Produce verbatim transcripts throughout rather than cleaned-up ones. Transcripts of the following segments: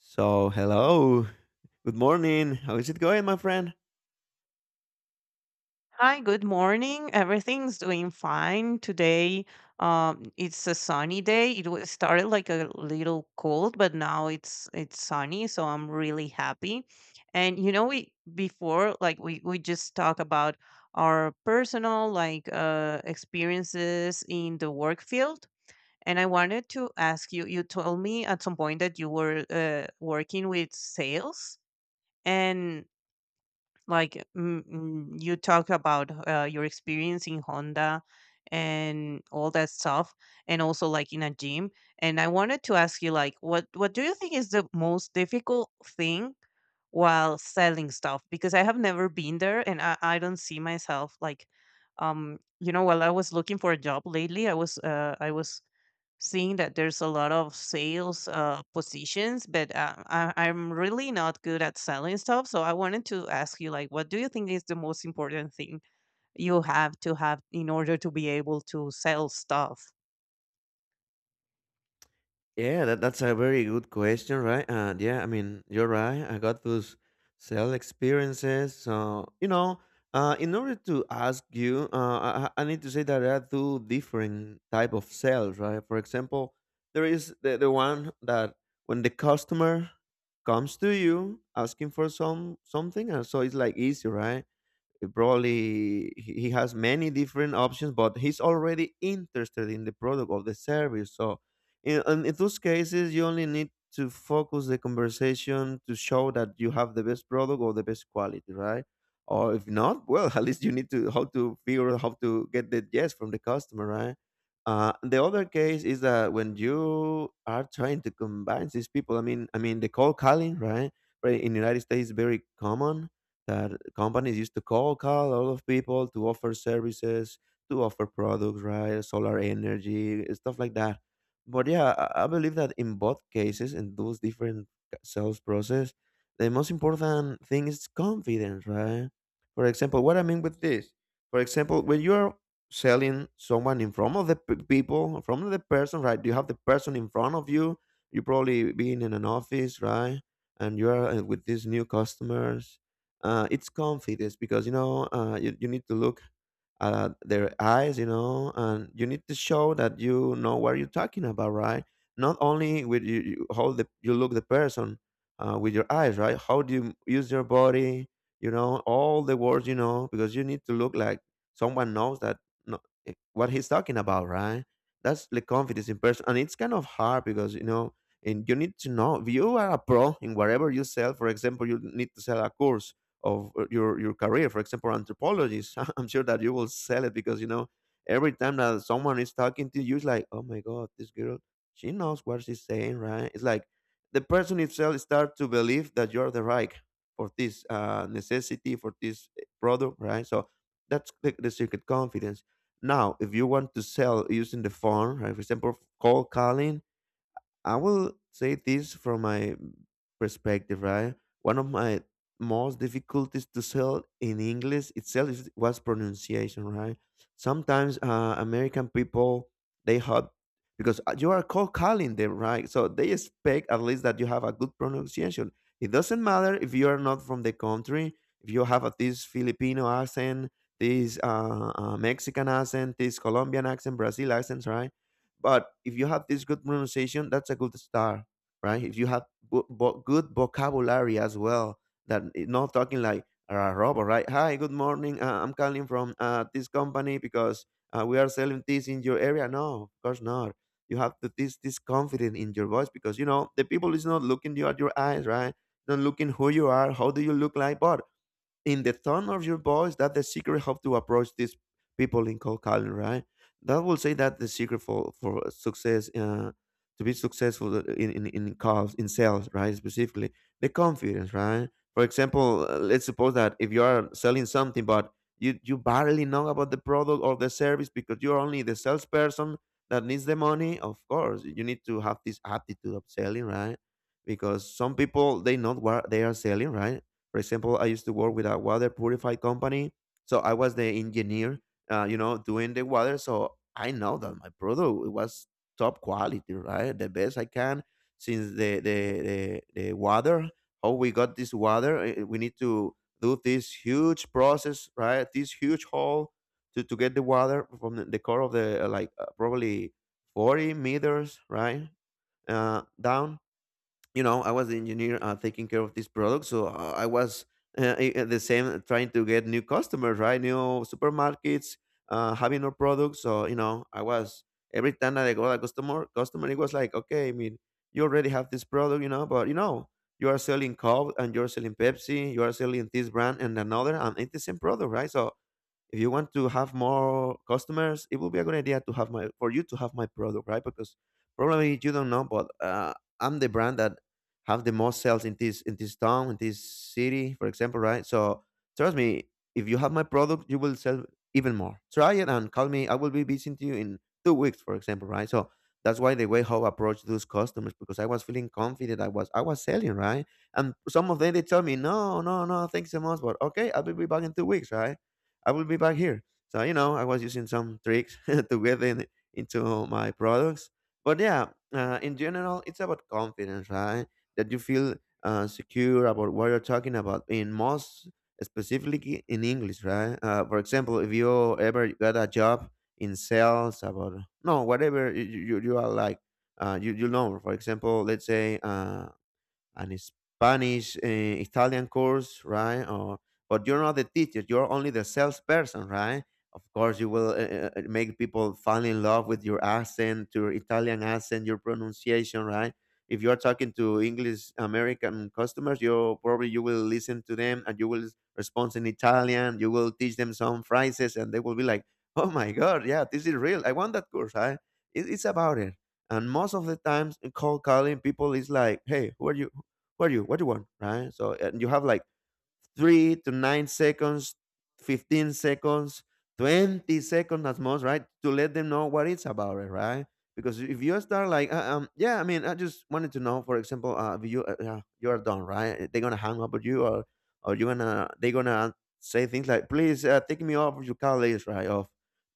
So, hello. Good morning. How is it going, my friend? Hi, good morning. Everything's doing fine today. Um, it's a sunny day. It was started like a little cold, but now it's it's sunny, so I'm really happy. And you know, we before like we we just talk about our personal like uh experiences in the work field. And I wanted to ask you, you told me at some point that you were uh, working with sales. And like mm, mm, you talk about uh, your experience in Honda and all that stuff, and also like in a gym. And I wanted to ask you, like, what what do you think is the most difficult thing while selling stuff? Because I have never been there, and I, I don't see myself like, um, you know, while I was looking for a job lately, I was uh, I was seeing that there's a lot of sales uh, positions, but uh, I, I'm really not good at selling stuff. So I wanted to ask you, like, what do you think is the most important thing you have to have in order to be able to sell stuff? Yeah, that, that's a very good question, right? And yeah, I mean, you're right. I got those sell experiences. So, you know, uh, in order to ask you, uh, I, I I need to say that there are two different type of sales, right? For example, there is the, the one that when the customer comes to you asking for some something, and so it's like easy, right? Probably he he has many different options, but he's already interested in the product or the service. So, in, and in those cases, you only need to focus the conversation to show that you have the best product or the best quality, right? Or if not, well, at least you need to how to figure out how to get the yes from the customer, right? Uh, the other case is that when you are trying to combine these people, I mean, I mean the cold calling, right? Right in the United States, is very common that companies used to call call a lot of people to offer services, to offer products, right? Solar energy stuff like that. But yeah, i, I believe that in both cases, in those different sales process, the most important thing is confidence, right? For example, what I mean with this, for example, when you're selling someone in front of the p- people, from the person, right? You have the person in front of you, you probably being in an office, right? And you're uh, with these new customers, uh, it's confidence because you know, uh, you, you need to look at their eyes, you know, and you need to show that you know what you're talking about, right? Not only with you, you how the, you look the person, uh, with your eyes, right? How do you use your body, you know, all the words, you know, because you need to look like someone knows that, no, eh, what he's talking about, right? That's the confidence in person, and it's kind of hard because you know, and you need to know if you are a pro in whatever you sell. For example, you need to sell a course of uh, your your career, for example anthropologists. I'm sure that you will sell it because you know, every time that someone is talking to you, it's like, oh my God, this girl, she knows what she's saying, right? It's like the person itself start to believe that you're the right for this uh, necessity, for this eh, product, right? So that's the, the secret: confidence. Now if you want to sell using the phone, right, for example cold calling, I will say this from my perspective, right? One of my most difficulties to sell in English itself is, was pronunciation, right? Sometimes uh, American people they have, because uh, you are cold calling them, right? So they expect at least that you have a good pronunciation. It doesn't matter if you are not from the country, if you have a, this Filipino accent, this uh, uh, Mexican accent, this Colombian accent, Brazil accent, right? But if you have this good pronunciation, that's a good start, right? If you have good, vo- good vocabulary as well, that it- not talking like a robot, right? Hi, good morning. Uh, I'm calling from uh, this company because uh, we are selling this in your area. No, of course not. You have to this this confidence in your voice because you know the people is not looking you at your eyes, right? Not looking who you are, how do you look like, but in the tone of your voice, that's the secret how to approach these people in cold calling, right? That will say that the secret for for success, uh, to be successful in in in calls in sales, right, specifically the confidence, right? For example, uh, let's suppose that if you are selling something but you you barely know about the product or the service because you're only the salesperson that needs the money, of course you need to have this attitude of selling, right? Because some people they know what they are selling, right? For example, I used to work with a water purified company, so I was the engineer, uh, you know, doing the water. So I know that my product it was top quality, right? The best I can, since the the the, the water. How we got this water? eh, We need to do this huge process, right? This huge hole to, to get the water from the, the core of the uh, like uh, probably forty meters, right? Uh, down, you know, I was the engineer uh, taking care of this product. So uh, i was uh, i- uh, the same, uh, trying to get new customers, right? New supermarkets uh, having our products. So you know, I was, every time that I got a customer customer it was like okay, I mean, you already have this product, you know, but you know, you are selling Coke and you're selling Pepsi, you are selling this brand and another, and it's the same product, right? So if you want to have more customers, it would be a good idea to have my, for you to have my product, right? Because probably you don't know, but uh, I'm the brand that have the most sales in this, in this town, in this city, for example, right? So trust me, if you have my product, you will sell even more. Try it and call me. I will be visiting you in two weeks, for example, right? So that's why the way how I approach those customers, because I was feeling confident. I was, I was selling, right? And some of them they tell me, no, no, no, thanks so much, but okay, I will be back in two weeks, right? I will be back here. So you know, I was using some tricks to get in, into my products. But yeah, uh, in general, it's about confidence, right? That you feel uh, secure about what you're talking about. In most specifically in English, right? Uh, for example, if you ever got a job in sales about no whatever you you, you are like. Uh, you, you know, for example, let's say uh, and Spanish, uh, Italian course, right? Or but you're not the teacher; you're only the salesperson, right? Of course, you will uh, uh, uh, make people fall in love with your accent, your Italian accent, your pronunciation, right? If you are talking to English American customers, you probably you will listen to them and you will respond in Italian. You will teach them some phrases, and they will be like, "Oh my God, yeah, this is real. I want that course. Right? It, it's about it." And most of the times, in cold calling people is like, "Hey, who are you? What you what you want, right?" So and you have like three to nine seconds, fifteen seconds, twenty seconds at most, right, to let them know what it's about, right? Because if you start like uh, um yeah I mean I just wanted to know, for example uh if you uh, yeah, you're done, right, they're gonna hang up with you, or or you gonna they're gonna say things like, please uh, take me off your call list, right? Off,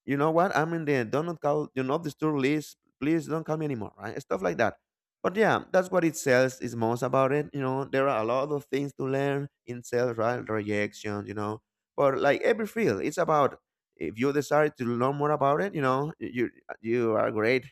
you know what, I'm in the do not call, do not disturb list, please don't call me anymore, right? Stuff like that. But yeah, that's what it sells is most about it. You know, there are a lot of things to learn in sales, right? Rejection, you know. But like every field, it's about, if you decide to learn more about it, you know, you you are great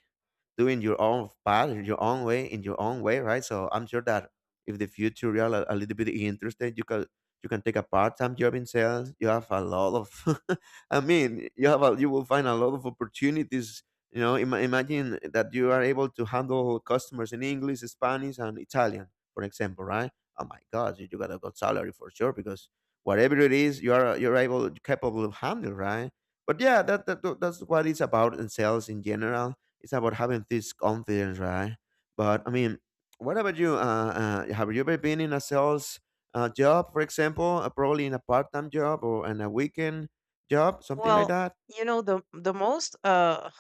doing your own path, your own way, in your own way, right? So I'm sure that if the future you're a, a little bit interested, you can you can take a part-time job in sales. You have a lot of, I mean, you have a, you will find a lot of opportunities. You know, ima imagine that you are able to handle customers in English, Spanish, and Italian, for example, right? Oh my God, you you got a good salary for sure, because whatever it is, you are you're able capable of handling, right? But yeah, that, that that's what it's about in sales in general. It's about having this confidence, right? But I mean, what about you? Uh, uh, have you ever been in a sales uh, job, for example, uh, probably in a part-time job or in a weekend job, something like Well, that? you know the the most uh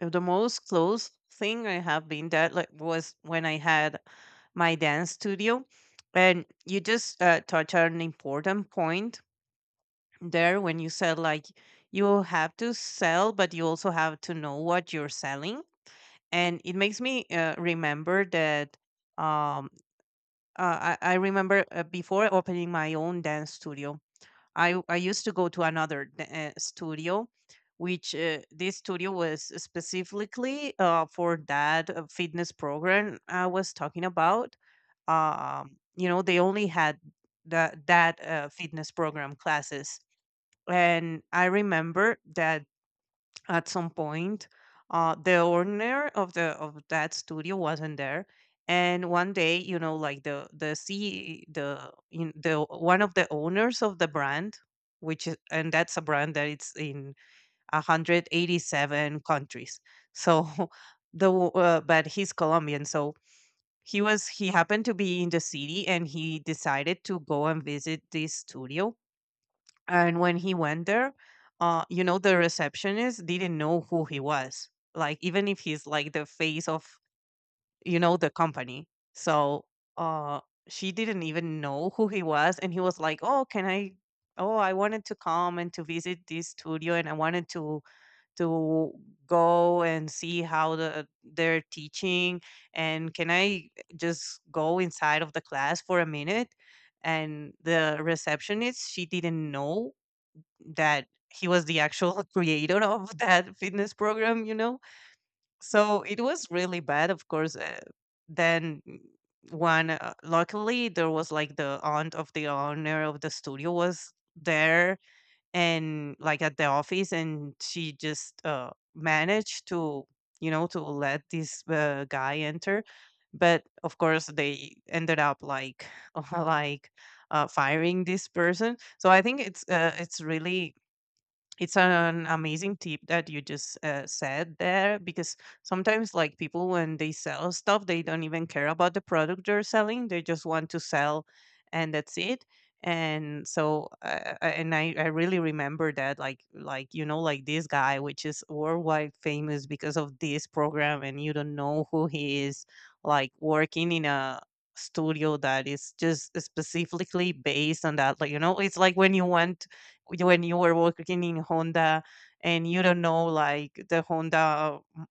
Uh, the most close thing I have been that like was when I had my dance studio, and you just uh, touch on an important point there when you said like you have to sell, but you also have to know what you're selling, and it makes me uh, remember that. Um, uh, I, I remember uh, before opening my own dance studio, I I used to go to another d- uh, studio, which uh, this studio was specifically uh, for that uh, fitness program I was talking about. Um, you know, they only had that that uh, fitness program classes, and I remember that at some point uh the owner of the of that studio wasn't there, and one day you know like the the C the in the one of the owners of the brand, which is, and that's a brand that it's in one hundred eighty-seven countries, so the w- uh, but he's Colombian, so he was he happened to be in the city, and he decided to go and visit this studio. And when he went there, uh, you know, the receptionist didn't know who he was. Like, even if he's like the face of, you know, the company. So uh, she didn't even know who he was. And he was like, oh, can I? Oh, I wanted to come and to visit this studio, and I wanted to to go and see how the they're teaching. And can I just go inside of the class for a minute? And the receptionist, she didn't know that he was the actual creator of that fitness program, you know? So it was really bad, of course. Uh, then mm, one, uh, luckily, there was like the aunt of the owner of the studio was there, and like at the office, and she just uh, managed to, you know, to let this uh, guy enter. But of course, they ended up like, like uh, firing this person. So I think it's uh, it's really it's an amazing tip that you just uh, said there, because sometimes like people, when they sell stuff, they don't even care about the product they're selling. They just want to sell, and that's it. And so uh, uh, and I, I really remember that, like like you know like this guy, which is worldwide famous because of this program, and you don't know who he is, like working in a studio that is just specifically based on that. Like, you know it's like when you want you- when you were working in Honda and you don't know like the Honda m-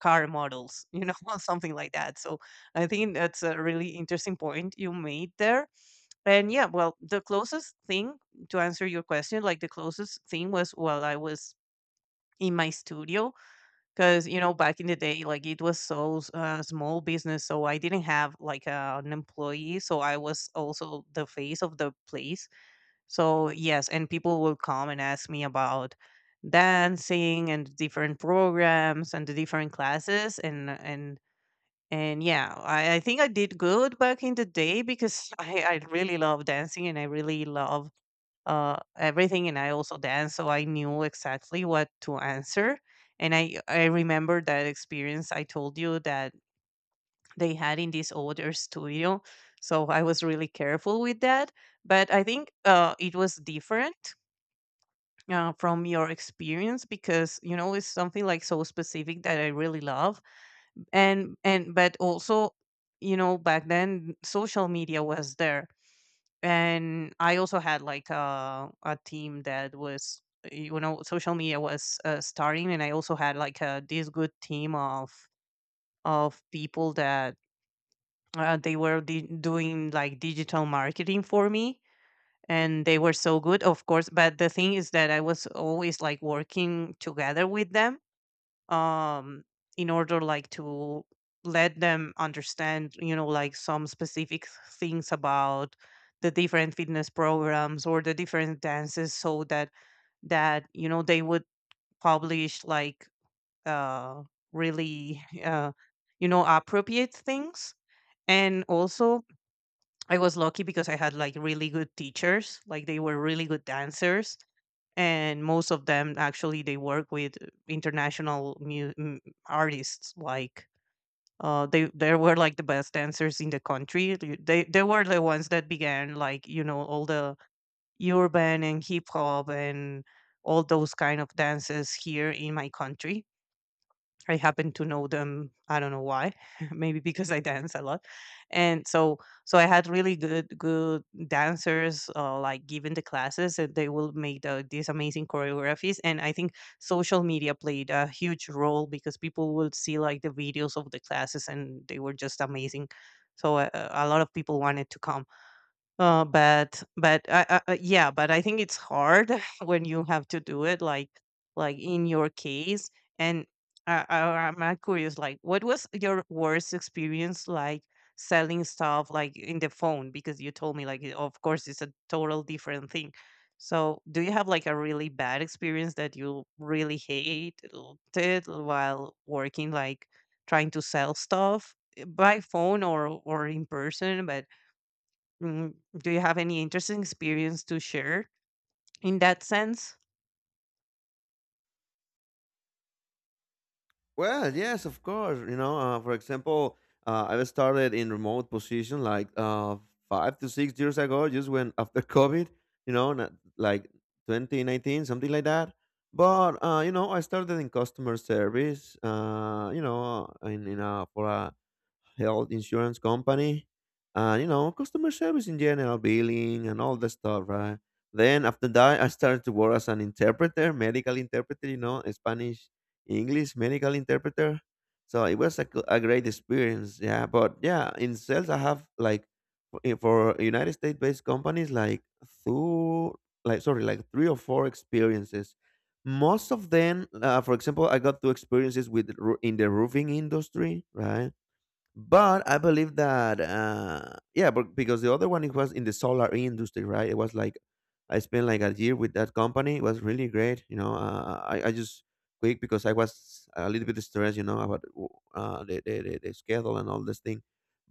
car models, you know? Something like that. So I think that's a really interesting point you made there. And yeah, well, the closest thing to answer your question, like the closest thing was while I was in my studio, because you know back in the day, like, it was so s- uh, small business, so I didn't have like uh, an employee, so I was also the face of the place. So yes, and people will come and ask me about dancing and different programs and the different classes, and and and yeah, I, I think I did good back in the day, because I, I really love dancing, and I really love uh everything, and I also dance, so I knew exactly what to answer. And I I remember that experience I told you that they had in this older studio. So I was really careful with that. But I think uh, it was different uh, from your experience, because you know it's something like so specific that I really love. And and but also, you know back then social media was there, and I also had like a a team that was, you know social media was uh, starting, and I also had like a this good team of of people that uh, they were di- doing like digital marketing for me, and they were so good, of course. But the thing is that I was always like working together with them, um in order like to let them understand, you know like some specific things about the different fitness programs or the different dances, so that that you know they would publish like uh really uh you know appropriate things. And also, I was lucky, because I had like really good teachers, like they were really good dancers, and most of them actually, they work with international mu- m- artists. Like, uh, they they were like the best dancers in the country. They they they were the ones that began, like, you know all the urban and hip hop and all those kind of dances here in my country. I happen to know them. I don't know why. Maybe because I dance a lot, and so so I had really good good dancers. Uh, like giving the classes, and they will make the, these amazing choreographies. And I think social media played a huge role, because people would see like the videos of the classes, and they were just amazing. So uh, a lot of people wanted to come. Uh, but but I I uh, yeah, but I think it's hard when you have to do it like like in your case. And I, I, I'm uh, curious, like, what was your worst experience, like selling stuff, like in the phone? Because you told me like, it- of course, it's a total different thing. So, do you have like a really bad experience that you really hated while working, like trying to sell stuff by phone, or or in person? But Mm, do you have any interesting experience to share in that sense? Well, yes, of course. You know, uh, for example, uh, I was started in remote position like uh, five to six years ago, just when after COVID. You know, not- like twenty nineteen, something like that. But uh, you know, I started in customer service. Uh, you know, in in a for a health insurance company, and you know, customer service in general, billing and all that stuff, right? Then after that, I started to work as an interpreter, medical interpreter, you know, Spanish, English, medical interpreter. So it was a, g- a great experience, yeah. But yeah, in sales, I have like for eh, for United States based companies, like two, like sorry, like three or four experiences, most of them, uh, for example, I got two experiences with ru- in the roofing industry, right? But I believe that, uh, yeah, but because the other one, it was in the solar industry, right? It was like I spent like a year with that company. It was really great, you know. Uh, I I just quit because I was a little bit stressed, you know, about uh, the, the the the schedule and all this thing.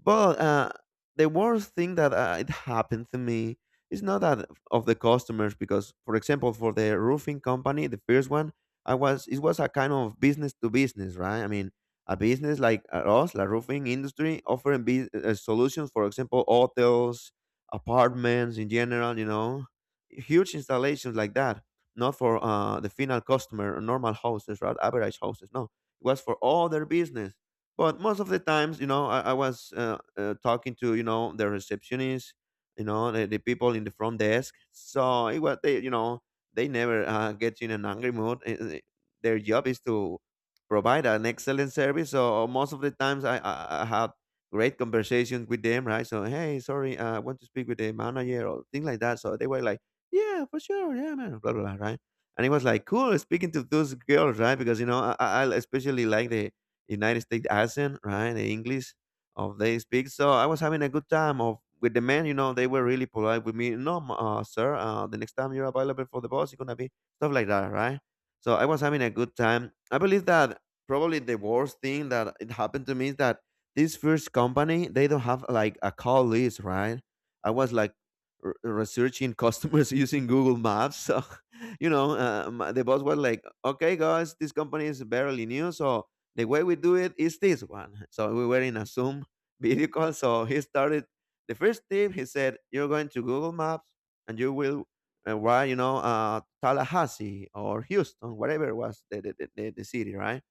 But uh, the worst thing that uh, it happened to me is not that of the customers, because for example, for the roofing company, the first one, I was it was a kind of business to business, right? I mean a business like us, the roofing industry, offering be- uh, uh, solutions, for example, hotels, apartments in general, you know, huge installations like that, not for uh, the final customer, normal houses, right? Average houses, no. It was for all their business. But most of the times, you know, I, I was uh, uh, talking to, you know, the receptionist, you know, the, the people in the front desk. So it was, they, you know, they never uh, get in an angry mood. Uh, uh, Their job is to provide an excellent service. So uh, most of the times I, I, I have great conversations with them, right? So, hey, sorry, uh, I want to speak with the manager or things like that. So they were like, yeah, for sure. Yeah, man, blah, blah, blah, right? And it was like, cool speaking to those girls, right? Because, you know, I, I I especially like the United States accent, right? The English of they speak. So I was having a good time of with the men, you know, they were really polite with me. No, m- uh, sir, uh, the next time you're available for the boss, it's going to be stuff like that, right? So I was having a good time. I believe that probably the worst thing that it happened to me is that this first company, they don't have like a call list, right? I was like r- researching customers using Google Maps. So you know, uh, my- the boss was like, okay guys, this company is barely new, so the way we do it is this one. So we were in a Zoom video call, so he started. The first tip, he said, you're going to Google Maps, and you will uh, write, you know, uh, Tallahassee or Houston, whatever was the, the, the, the the city, right?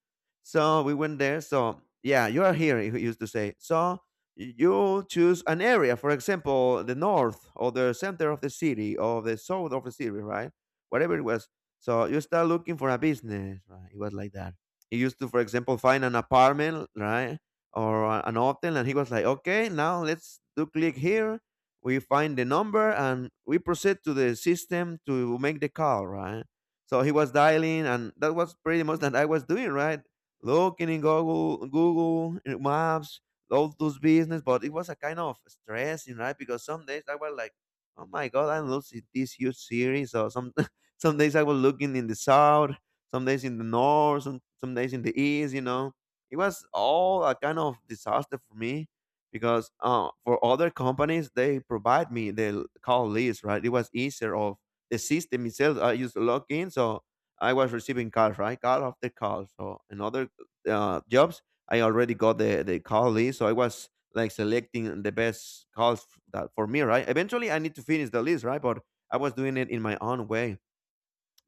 So we went there. So yeah, you are here, he used to say. So you choose an area, for example, the north or the center of the city or the south of the city, right? Whatever it was. So you start looking for a business, right? It was like that. He used to, for example, find an apartment, right, or a- an hotel, and he was like, okay, now let's do click here. We find the number and we proceed to the system to make the call, right? So he was dialing, and that was pretty much that I was doing, right? Looking in Google, Google in Maps, all those business. But it was a kind of stressing, right? Because some days I was like, oh my god, I'm losing this huge series. So some some days I was looking in the south, some days in the north, some some days in the east. You know, it was all a kind of disaster for me. Because uh, for other companies, they provide me the call list, right? It was easier of the system itself. I used to log in, so I was receiving calls, right? Call after call. So another uh, jobs, I already got the the call list, so I was like selecting the best calls f- that for me, right? Eventually, I need to finish the list, right? But I was doing it in my own way.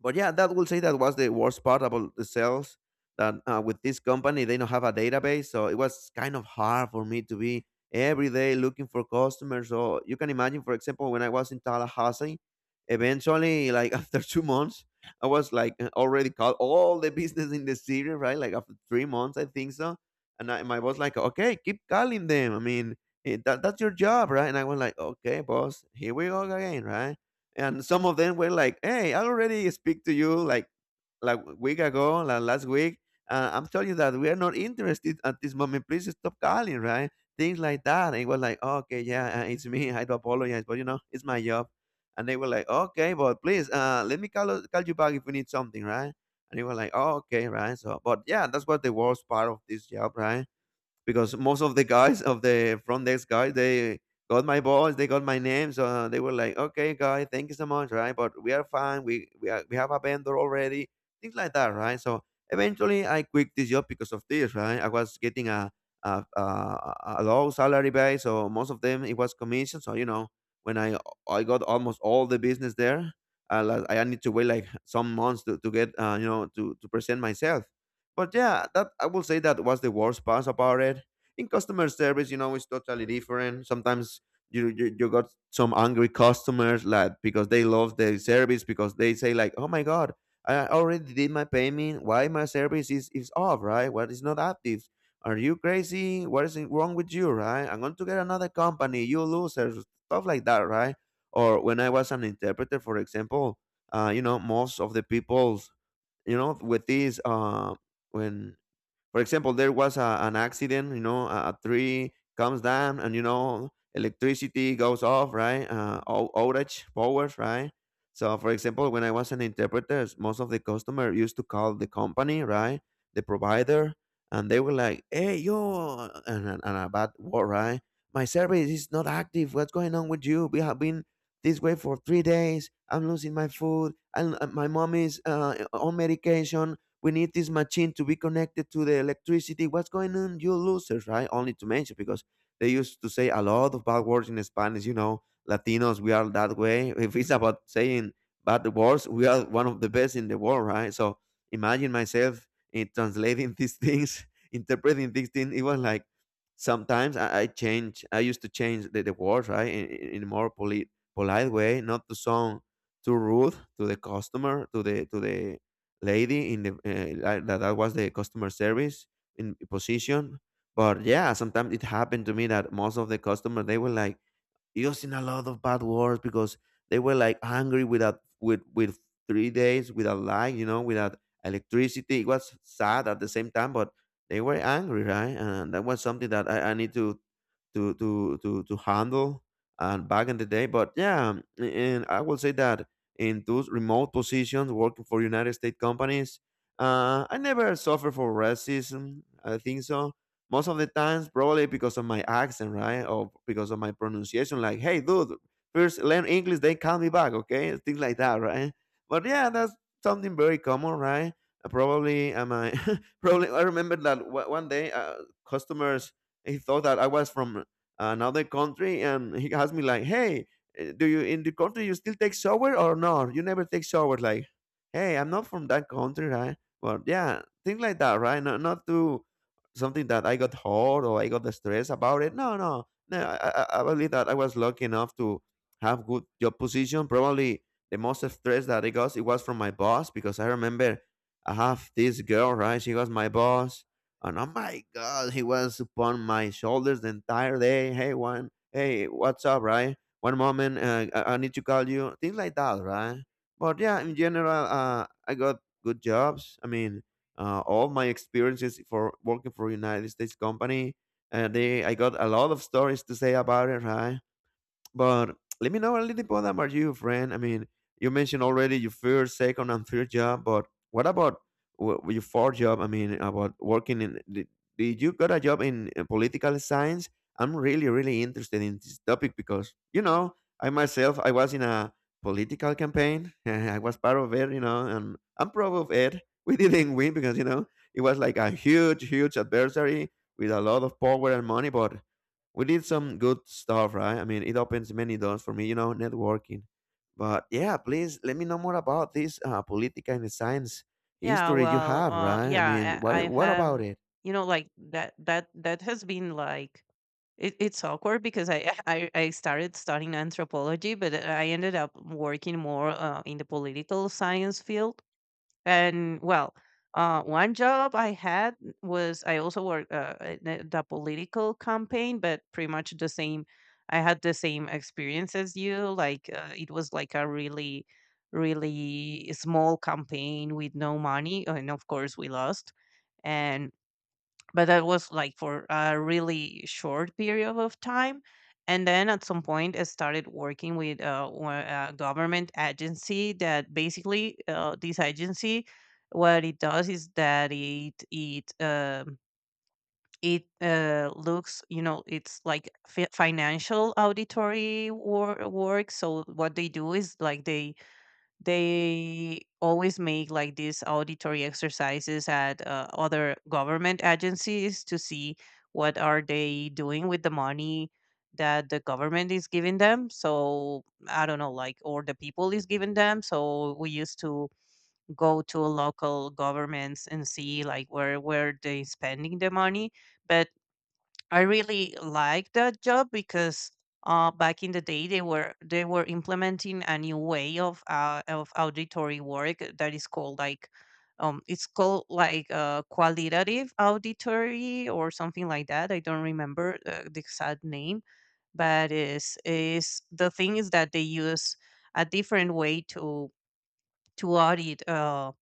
But yeah, that will say that was the worst part about the sales. That uh, with this company, they don't have a database, so it was kind of hard for me to be every day looking for customers. So you can imagine, for example, when I was in Tallahassee, eventually, like after two months, I was like uh, already called all the business in the city, right? Like after three months, I think so. And I, my boss like, okay, keep calling them. I mean, eh, that, that's your job, right? And I was like, okay, boss, here we go again, right? And some of them were like, "Hey, I already speak to you like like week ago, like last week. Uh, I'm telling you that we are not interested at this moment. Please stop calling, right? Things like that." And it was like, "Okay, yeah, uh, it's me. I do apologize, but you know, it's my job." And they were like, "Okay, but please, uh, let me call us- call you back if we need something, right?" And they were like, "Oh, okay, right." So, but yeah, that's what the worst part of this job, right? Because most of the guys of the front desk guys, they got my balls, they got my name, so they were like, "Okay, guy, thank you so much, right? But we are fine. We we are, we have a vendor already, things like that, right? So eventually, I quit this job because of this, right? I was getting a a, a, a low salary base, so most of them it was commission. So you know, when I I got almost all the business there, I la- I need to wait like some months to, to get uh, you know, to to present myself. But yeah, that I will say that was the worst part about it. In customer service, you know, it's totally different. Sometimes you you, you got some angry customers like because they love the service because they say like, "Oh my god, I already did my payment. Why my service is is off, right? What is not active? Are you crazy? What is it wrong with you, right? I'm going to get another company. You losers, stuff like that, right? Or when I was an interpreter, for example, uh, you know, most of the people, you know, with these uh when for example, there was a, an accident, you know, a, a tree comes down and, you know, electricity goes off, right? Uh, ou- outage powers, right? So, for example, when I was an interpreter, s- most of the customer used to call the company, right? The provider, and they were like, hey, yo, and, and, and a bad word, right? My service is not active. What's going on with you? We have been this way for three days. I'm losing my food. And uh, my mom is uh, on medication, we need this machine to be connected to the electricity. What's going on, you losers, right? Only to mention because they used to say a lot of bad words in Spanish. You know, Latinos, we are that way. If it's about saying bad words, we are one of the best in the world, right? So imagine myself in translating these things, interpreting these things. It was like sometimes I, I change. I used to change the, the words, right, in, in in a more polite, polite way, not to sound too rude to the customer, to the to the lady in the uh, like that, that was the customer service in position. But yeah, sometimes it happened to me that most of the customer they were like, it was in a lot of bad words because they were like hungry, without with with three days without light, you know, without electricity. It was sad at the same time, but they were angry, right? And that was something that I, I need to to to to to handle and back in the day. But yeah, um, and I will say that in those remote positions working for United States companies, uh, I never suffered for racism. I think so, most of the times, probably because of my accent, right? Or because of my pronunciation, like hey dude, first learn English, then call me back, okay? Things like that, right? But yeah, that's something very common, right? Uh, probably am I probably i remember that wa- one day, uh, customers, he thought that I was from another country. And he asked me like, hey, eh, do you, in the country you still take shower, or no, you never take shower, like hey, I'm not from that country, right? But yeah, things like that, right? Not, not to, something that I got hurt or I got stressed about it. No, no, no. I, I, I believe that I was lucky enough to have good job position. Probably the most stress that I got, it was from my boss, because I remember I have this girl, right? She was my boss, and oh my god, he was upon my shoulders the entire day. Hey, one, hey, what's up, right? One moment, uh, I, I need to call you. Things like that, right? But yeah, in general, uh, I got good jobs. I mean, uh, all my experiences for working for United States company. And they, I got a lot of stories to say about it, right? But let me know a little bit about you, friend. I mean, you mentioned already your first, second, and third job, but what about wh- your fourth job? I mean, about working in. Did, did you got a job in uh, political science? I'm really, really interested in this topic, because, you know, I myself, I was in a political campaign. I was part of it, you know, and I'm proud of it. We didn't win because, you know, it was like a huge, huge adversary with a lot of power and money, but we did some good stuff, right? I mean, it opens many doors for me, you know, networking. But yeah, please let me know more about this uh, political and science Yeah, history you well, have, uh, right? I mean, yeah, I, what I what about have, it? you know, like that, that, that has been like, it, it's awkward because I, I, I started studying anthropology, but I ended up working more uh, in the political science field. And well, uh, one job I had was I also worked uh, in a- the political campaign, but pretty much the same. I had the same experience as you. Like, uh, it was like a really, really small campaign with no money, and of course we lost. And but that was like for a really short period of time, and then at some point I started working with uh, one- a government agency that basically uh, this agency, what it does is that it it um, it uh, looks, you know it's like fi- financial auditory wor- work. So what they do is like they they always make like these auditory exercises at uh, other government agencies to see what are they doing with the money that the government is giving them. So I don't know, like, or the people is giving them, so we used to go to local governments and see like where where they spending the money. But I really like that job because uh, back in the day, they were they were implementing a new way of uh, of auditory work that is called like um, it's called like uh, qualitative auditory or something like that. I don't remember uh, the exact name, but is is the thing is that they use a different way to to audit. Um,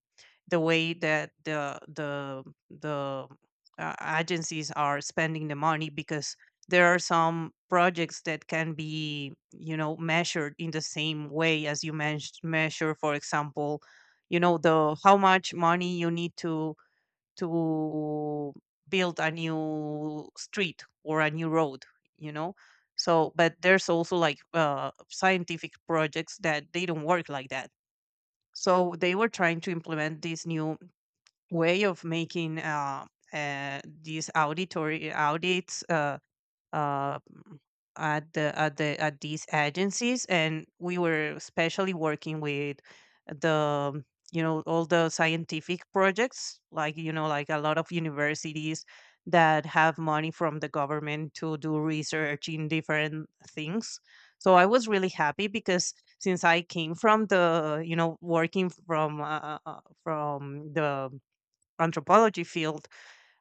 The way that the the the uh, agencies are spending the money, because there are some projects that can be, you know measured in the same way as you mentioned. Measure, for example, you know, the how much money you need to to build a new street or a new road, you know. So but there's also like uh, scientific projects that they don't work like that. So they were trying to implement this new way of making uh, uh, these auditory audits uh, uh, m- at the at the at these agencies, and we were especially working with the, you know, all the scientific projects, like, you know, like a lot of universities that have money from the government to do research in different things. So I was really happy because since I came from the, you know, working from uh, uh, uh, from the anthropology field,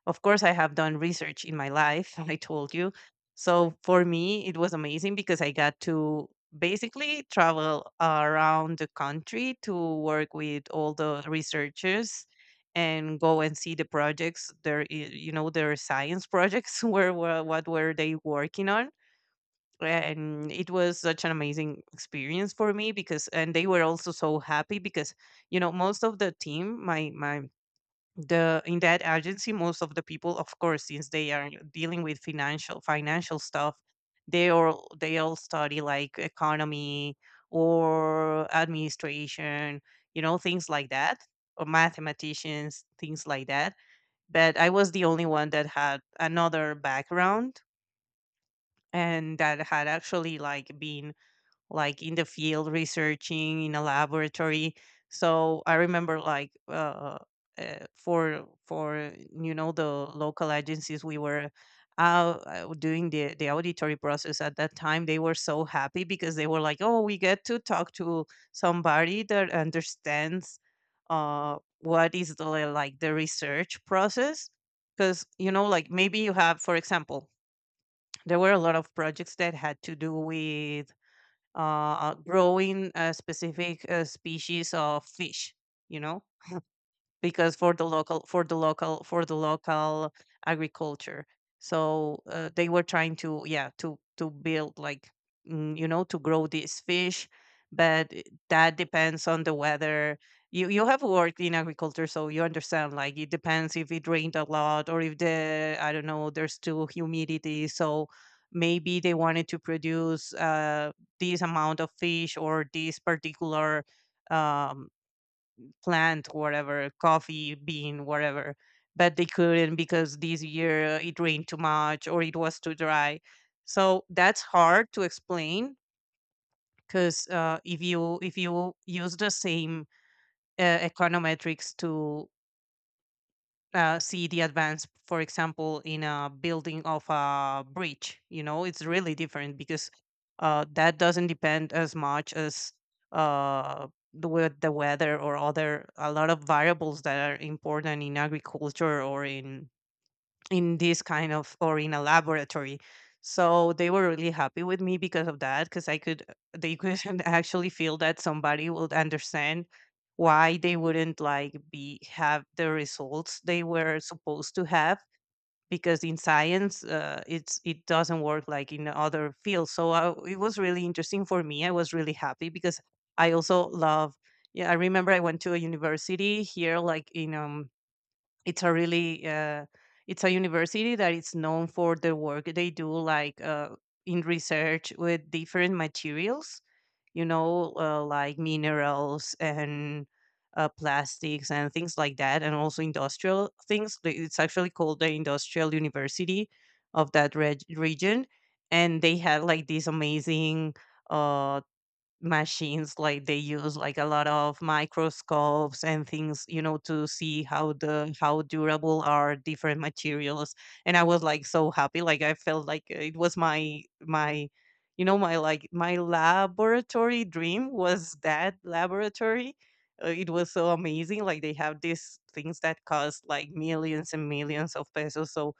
of course, I have done research in my life, I told you. So for me, it was amazing because I got to basically travel around the country to work with all the researchers and go and see the projects their i- you know, their science projects, where were, what were they working on. And it was such an amazing experience for me because, and they were also so happy because, you know, most of the team, my my the in that agency, most of the people, of course, since they are dealing with financial financial stuff, they all they all study like economy or administration, you know, things like that, or mathematicians, things like that. But I was the only one that had another background and that had actually like been like in the field researching in a laboratory. So I remember like uh, uh for for you know, the local agencies we were out uh, doing the the auditory process. At that time they were so happy because they were like, oh, we get to talk to somebody that understands uh what is the like the research process. Because, you know, like maybe you have, for example, there were a lot of projects that had to do with uh, uh, growing a specific uh, species of fish, you know, because for the local for the local for the local agriculture. So uh, they were trying to, yeah, to to build like, mm, you know, to grow these fish. But i- that depends on the weather. You you have worked in agriculture, so you understand like it depends if it rained a lot, or if the, I don't know, there's too humidity. So maybe they wanted to produce uh this amount of fish or this particular um plant, whatever, coffee bean, whatever. But they couldn't because this year uh, it rained too much or it was too dry. So that's hard to explain because uh, if you if you use the same uh, econometrics to uh, see the advance, for example, in a building of a bridge. You know, it's really different because uh, that doesn't depend as much as uh, the wea- the weather or other a lot of variables that are important in agriculture or in in this kind of or in a laboratory. So they were really happy with me because of that, because I could, they could actually feel that somebody would understand why they wouldn't like be, have the results they were supposed to have. Because in science uh, it's, it doesn't work like in other fields. So I, it was really interesting for me, I was really happy because I also love. Yeah, I remember I went to a university here, like in um it's a really uh, it's a university that is known for the work they do, like uh, in research with different materials, you know, uh, like minerals and uh, plastics and things like that, and also industrial things. They- it's actually called the industrial university of that reg- region. And they had like this amazing uh, machines, like they use like a lot of microscopes and things, you know, to see how the how durable are different materials. And I was like so happy, like I felt like it was my my you know, my like my laboratory dream was that laboratory. Uh, it was so amazing, like they have these things that cost like millions and millions of pesos. So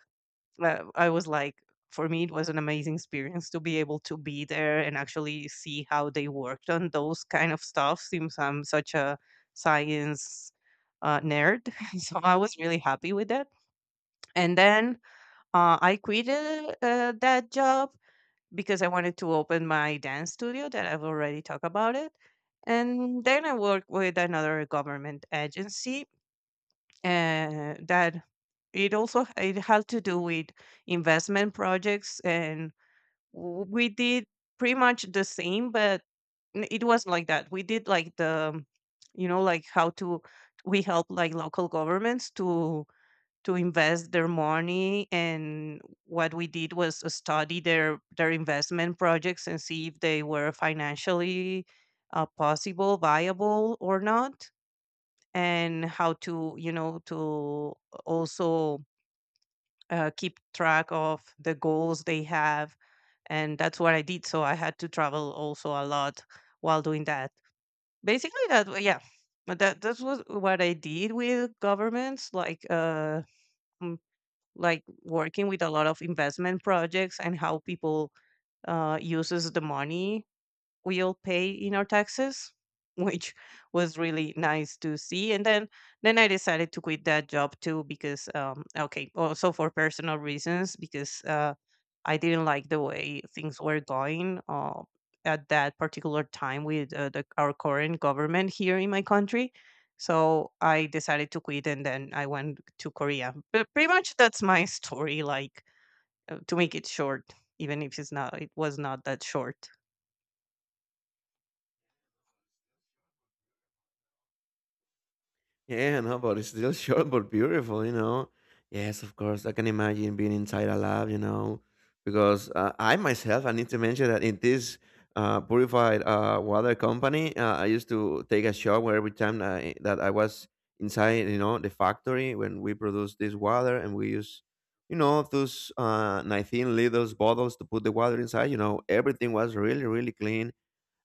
uh, I was like, for me, it was an amazing experience to be able to be there and actually see how they worked on those kind of stuff. Since I'm such a science uh, nerd, so I was really happy with that. And then uh, I quit uh, uh, that job because I wanted to open my dance studio that I've already talked about it. And then I worked with another government agency uh, that, it also, it had to do with investment projects. And w- we did pretty much the same, but n- it was like that we did like the, you know, like how to, we help like local governments to to invest their money. And what we did was study their their investment projects and see if they were financially uh, possible viable or not, and how to, you know, to also uh, keep track of the goals they have. And that's what I did. So I had to travel also a lot while doing that. Basically that wa- yeah, but that that was what I did with governments, like uh mm, like working with a lot of investment projects and how people uh uses the money we all pay in our taxes, which was really nice to see. And then then I decided to quit that job too because um okay, also for personal reasons, because uh I didn't like the way things were going uh, at that particular time with uh, the, our current government here in my country. So I decided to quit and then I went to Korea. But pretty much that's my story, like uh, to make it short, even if it's not, it was not that short. Yeah, no, but it's still short but beautiful, you know. Yes, of course, I can imagine being inside a lab, you know, because uh, I myself, I need to mention that in this uh, purified uh, water company, uh, I used to take a shower every time that I, that I was inside, you know, the factory when we produce this water. And we use, you know, those uh, nineteen liters bottles to put the water inside. You know, everything was really, really clean,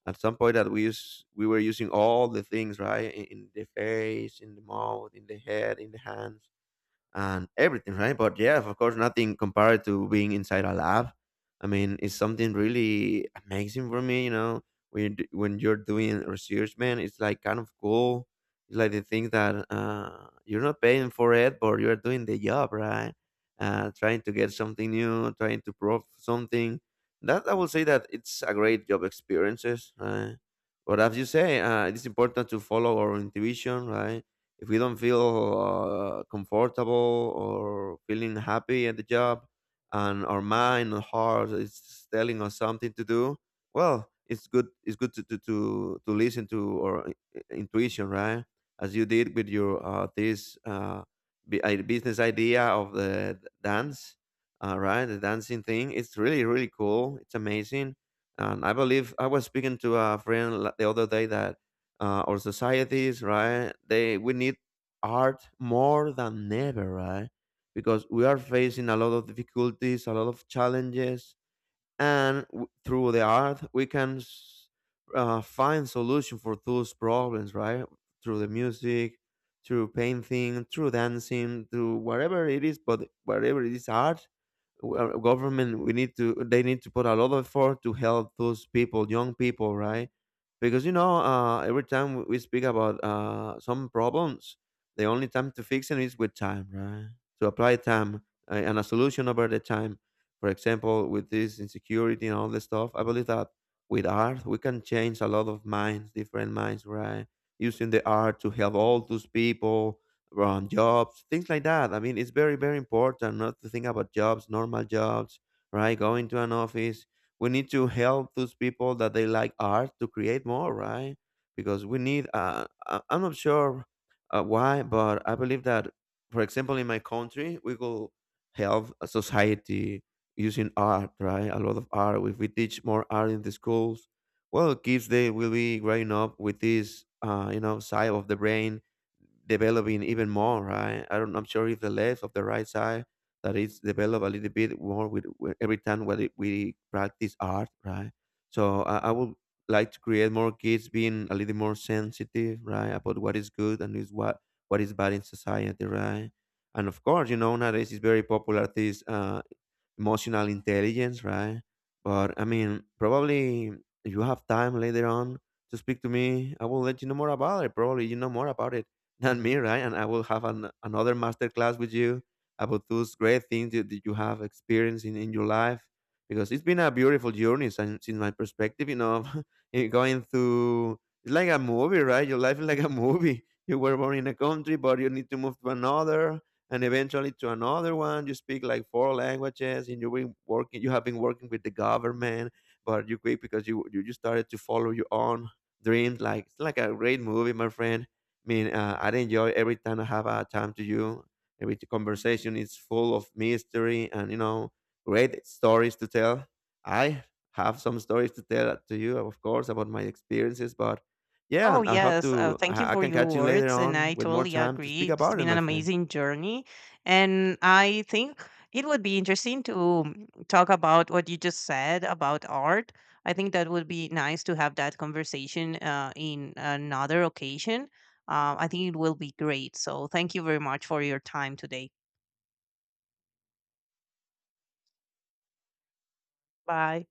at some point that we use we were using all the things, right, in, in the face, in the mouth, in the head, in the hands and everything, right? But yeah, of course, nothing compared to being inside a lab. I mean, it's something really amazing for me, you know. When you d- when you're doing research, man, it's like kind of cool. It's like the thing that, uh, you're not paying for it, but you're doing the job, right? Uh, trying to get something new, trying to prove something. That I will say that it's a great job experiences, right? But as you say, uh, it's important to follow our intuition, right? If we don't feel uh, comfortable or feeling happy at the job, and our mind and heart is telling us something to do, well, it's good, it's good to to to, to listen to our i- i- intuition, right? As you did with your, uh, this, uh, bi- i- business idea of the d- dance, uh, right? The dancing thing, it's really, really cool, it's amazing. And I believe I was speaking to a friend la- the other day, that uh, our societies, right? They we need art more than ever, right? Because we are facing a lot of difficulties, a lot of challenges, and w- through the art we can s- uh, find solution for those problems, right? Through the music, through painting, through dancing, through whatever it is, but whatever it is art, well, government, we need to they need to put a lot of effort to help those people, young people, right? Because, you know, uh, every time we speak about uh, some problems, the only time to fix it is with time, right? To apply time, uh, and a solution over the time. For example, with this insecurity and all this stuff, I believe that with art we can change a lot of minds, different minds, right? Using the art to help all those people on jobs, things like that. I mean, it's very, very important not to think about jobs, normal jobs, right? Going to an office. We need to help those people that they like art to create more, right? Because we need, uh, I- I'm not sure uh, why, but I believe that, for example, in my country, we could help a society using art, right? A lot of art. If we teach more art in the schools, well, kids, they will be growing up with this, uh, you know, side of the brain developing even more, right? I don't, I'm sure if the left of the right side that it's developed a little bit more with, with every time when it- we practice art, right? So I, I would like to create more kids being a little more sensitive, right, about what is good and is what what is bad in society, right? And of course, you know, nowadays it's very popular this uh, emotional intelligence, right? But I mean, probably if you have time later on to speak to me, I will let you know more about it. Probably you know more about it than me, right? And I will have an, another master class with you about those great things that, that you have experienced in, in your life, because it's been a beautiful journey since, since my perspective, you know, eh, going through, it's like a movie, right? Your life is like a movie. You were born in a country, but you need to move to another, and eventually to another one. You speak like four languages, and you've been working you have been working with the government, but you quit because you you just started to follow your own dreams. Like, it's like a great movie, my friend. I mean, uh, I enjoy every time I have a time to you. Every conversation is full of mystery, and you know great stories to tell. I have some stories to tell to you, of course, about my experiences, but yeah, Oh, I hope yes. to. Uh, thank you I I for can your catch you later words. And on I with more totally time to agree. speak It's about it, been my an friend. amazing journey. And I think it would be interesting to talk about what you just said about art. I think that would be nice to have that conversation uh, in another occasion. Uh, I think it will be great. So thank you very much for your time today. Bye.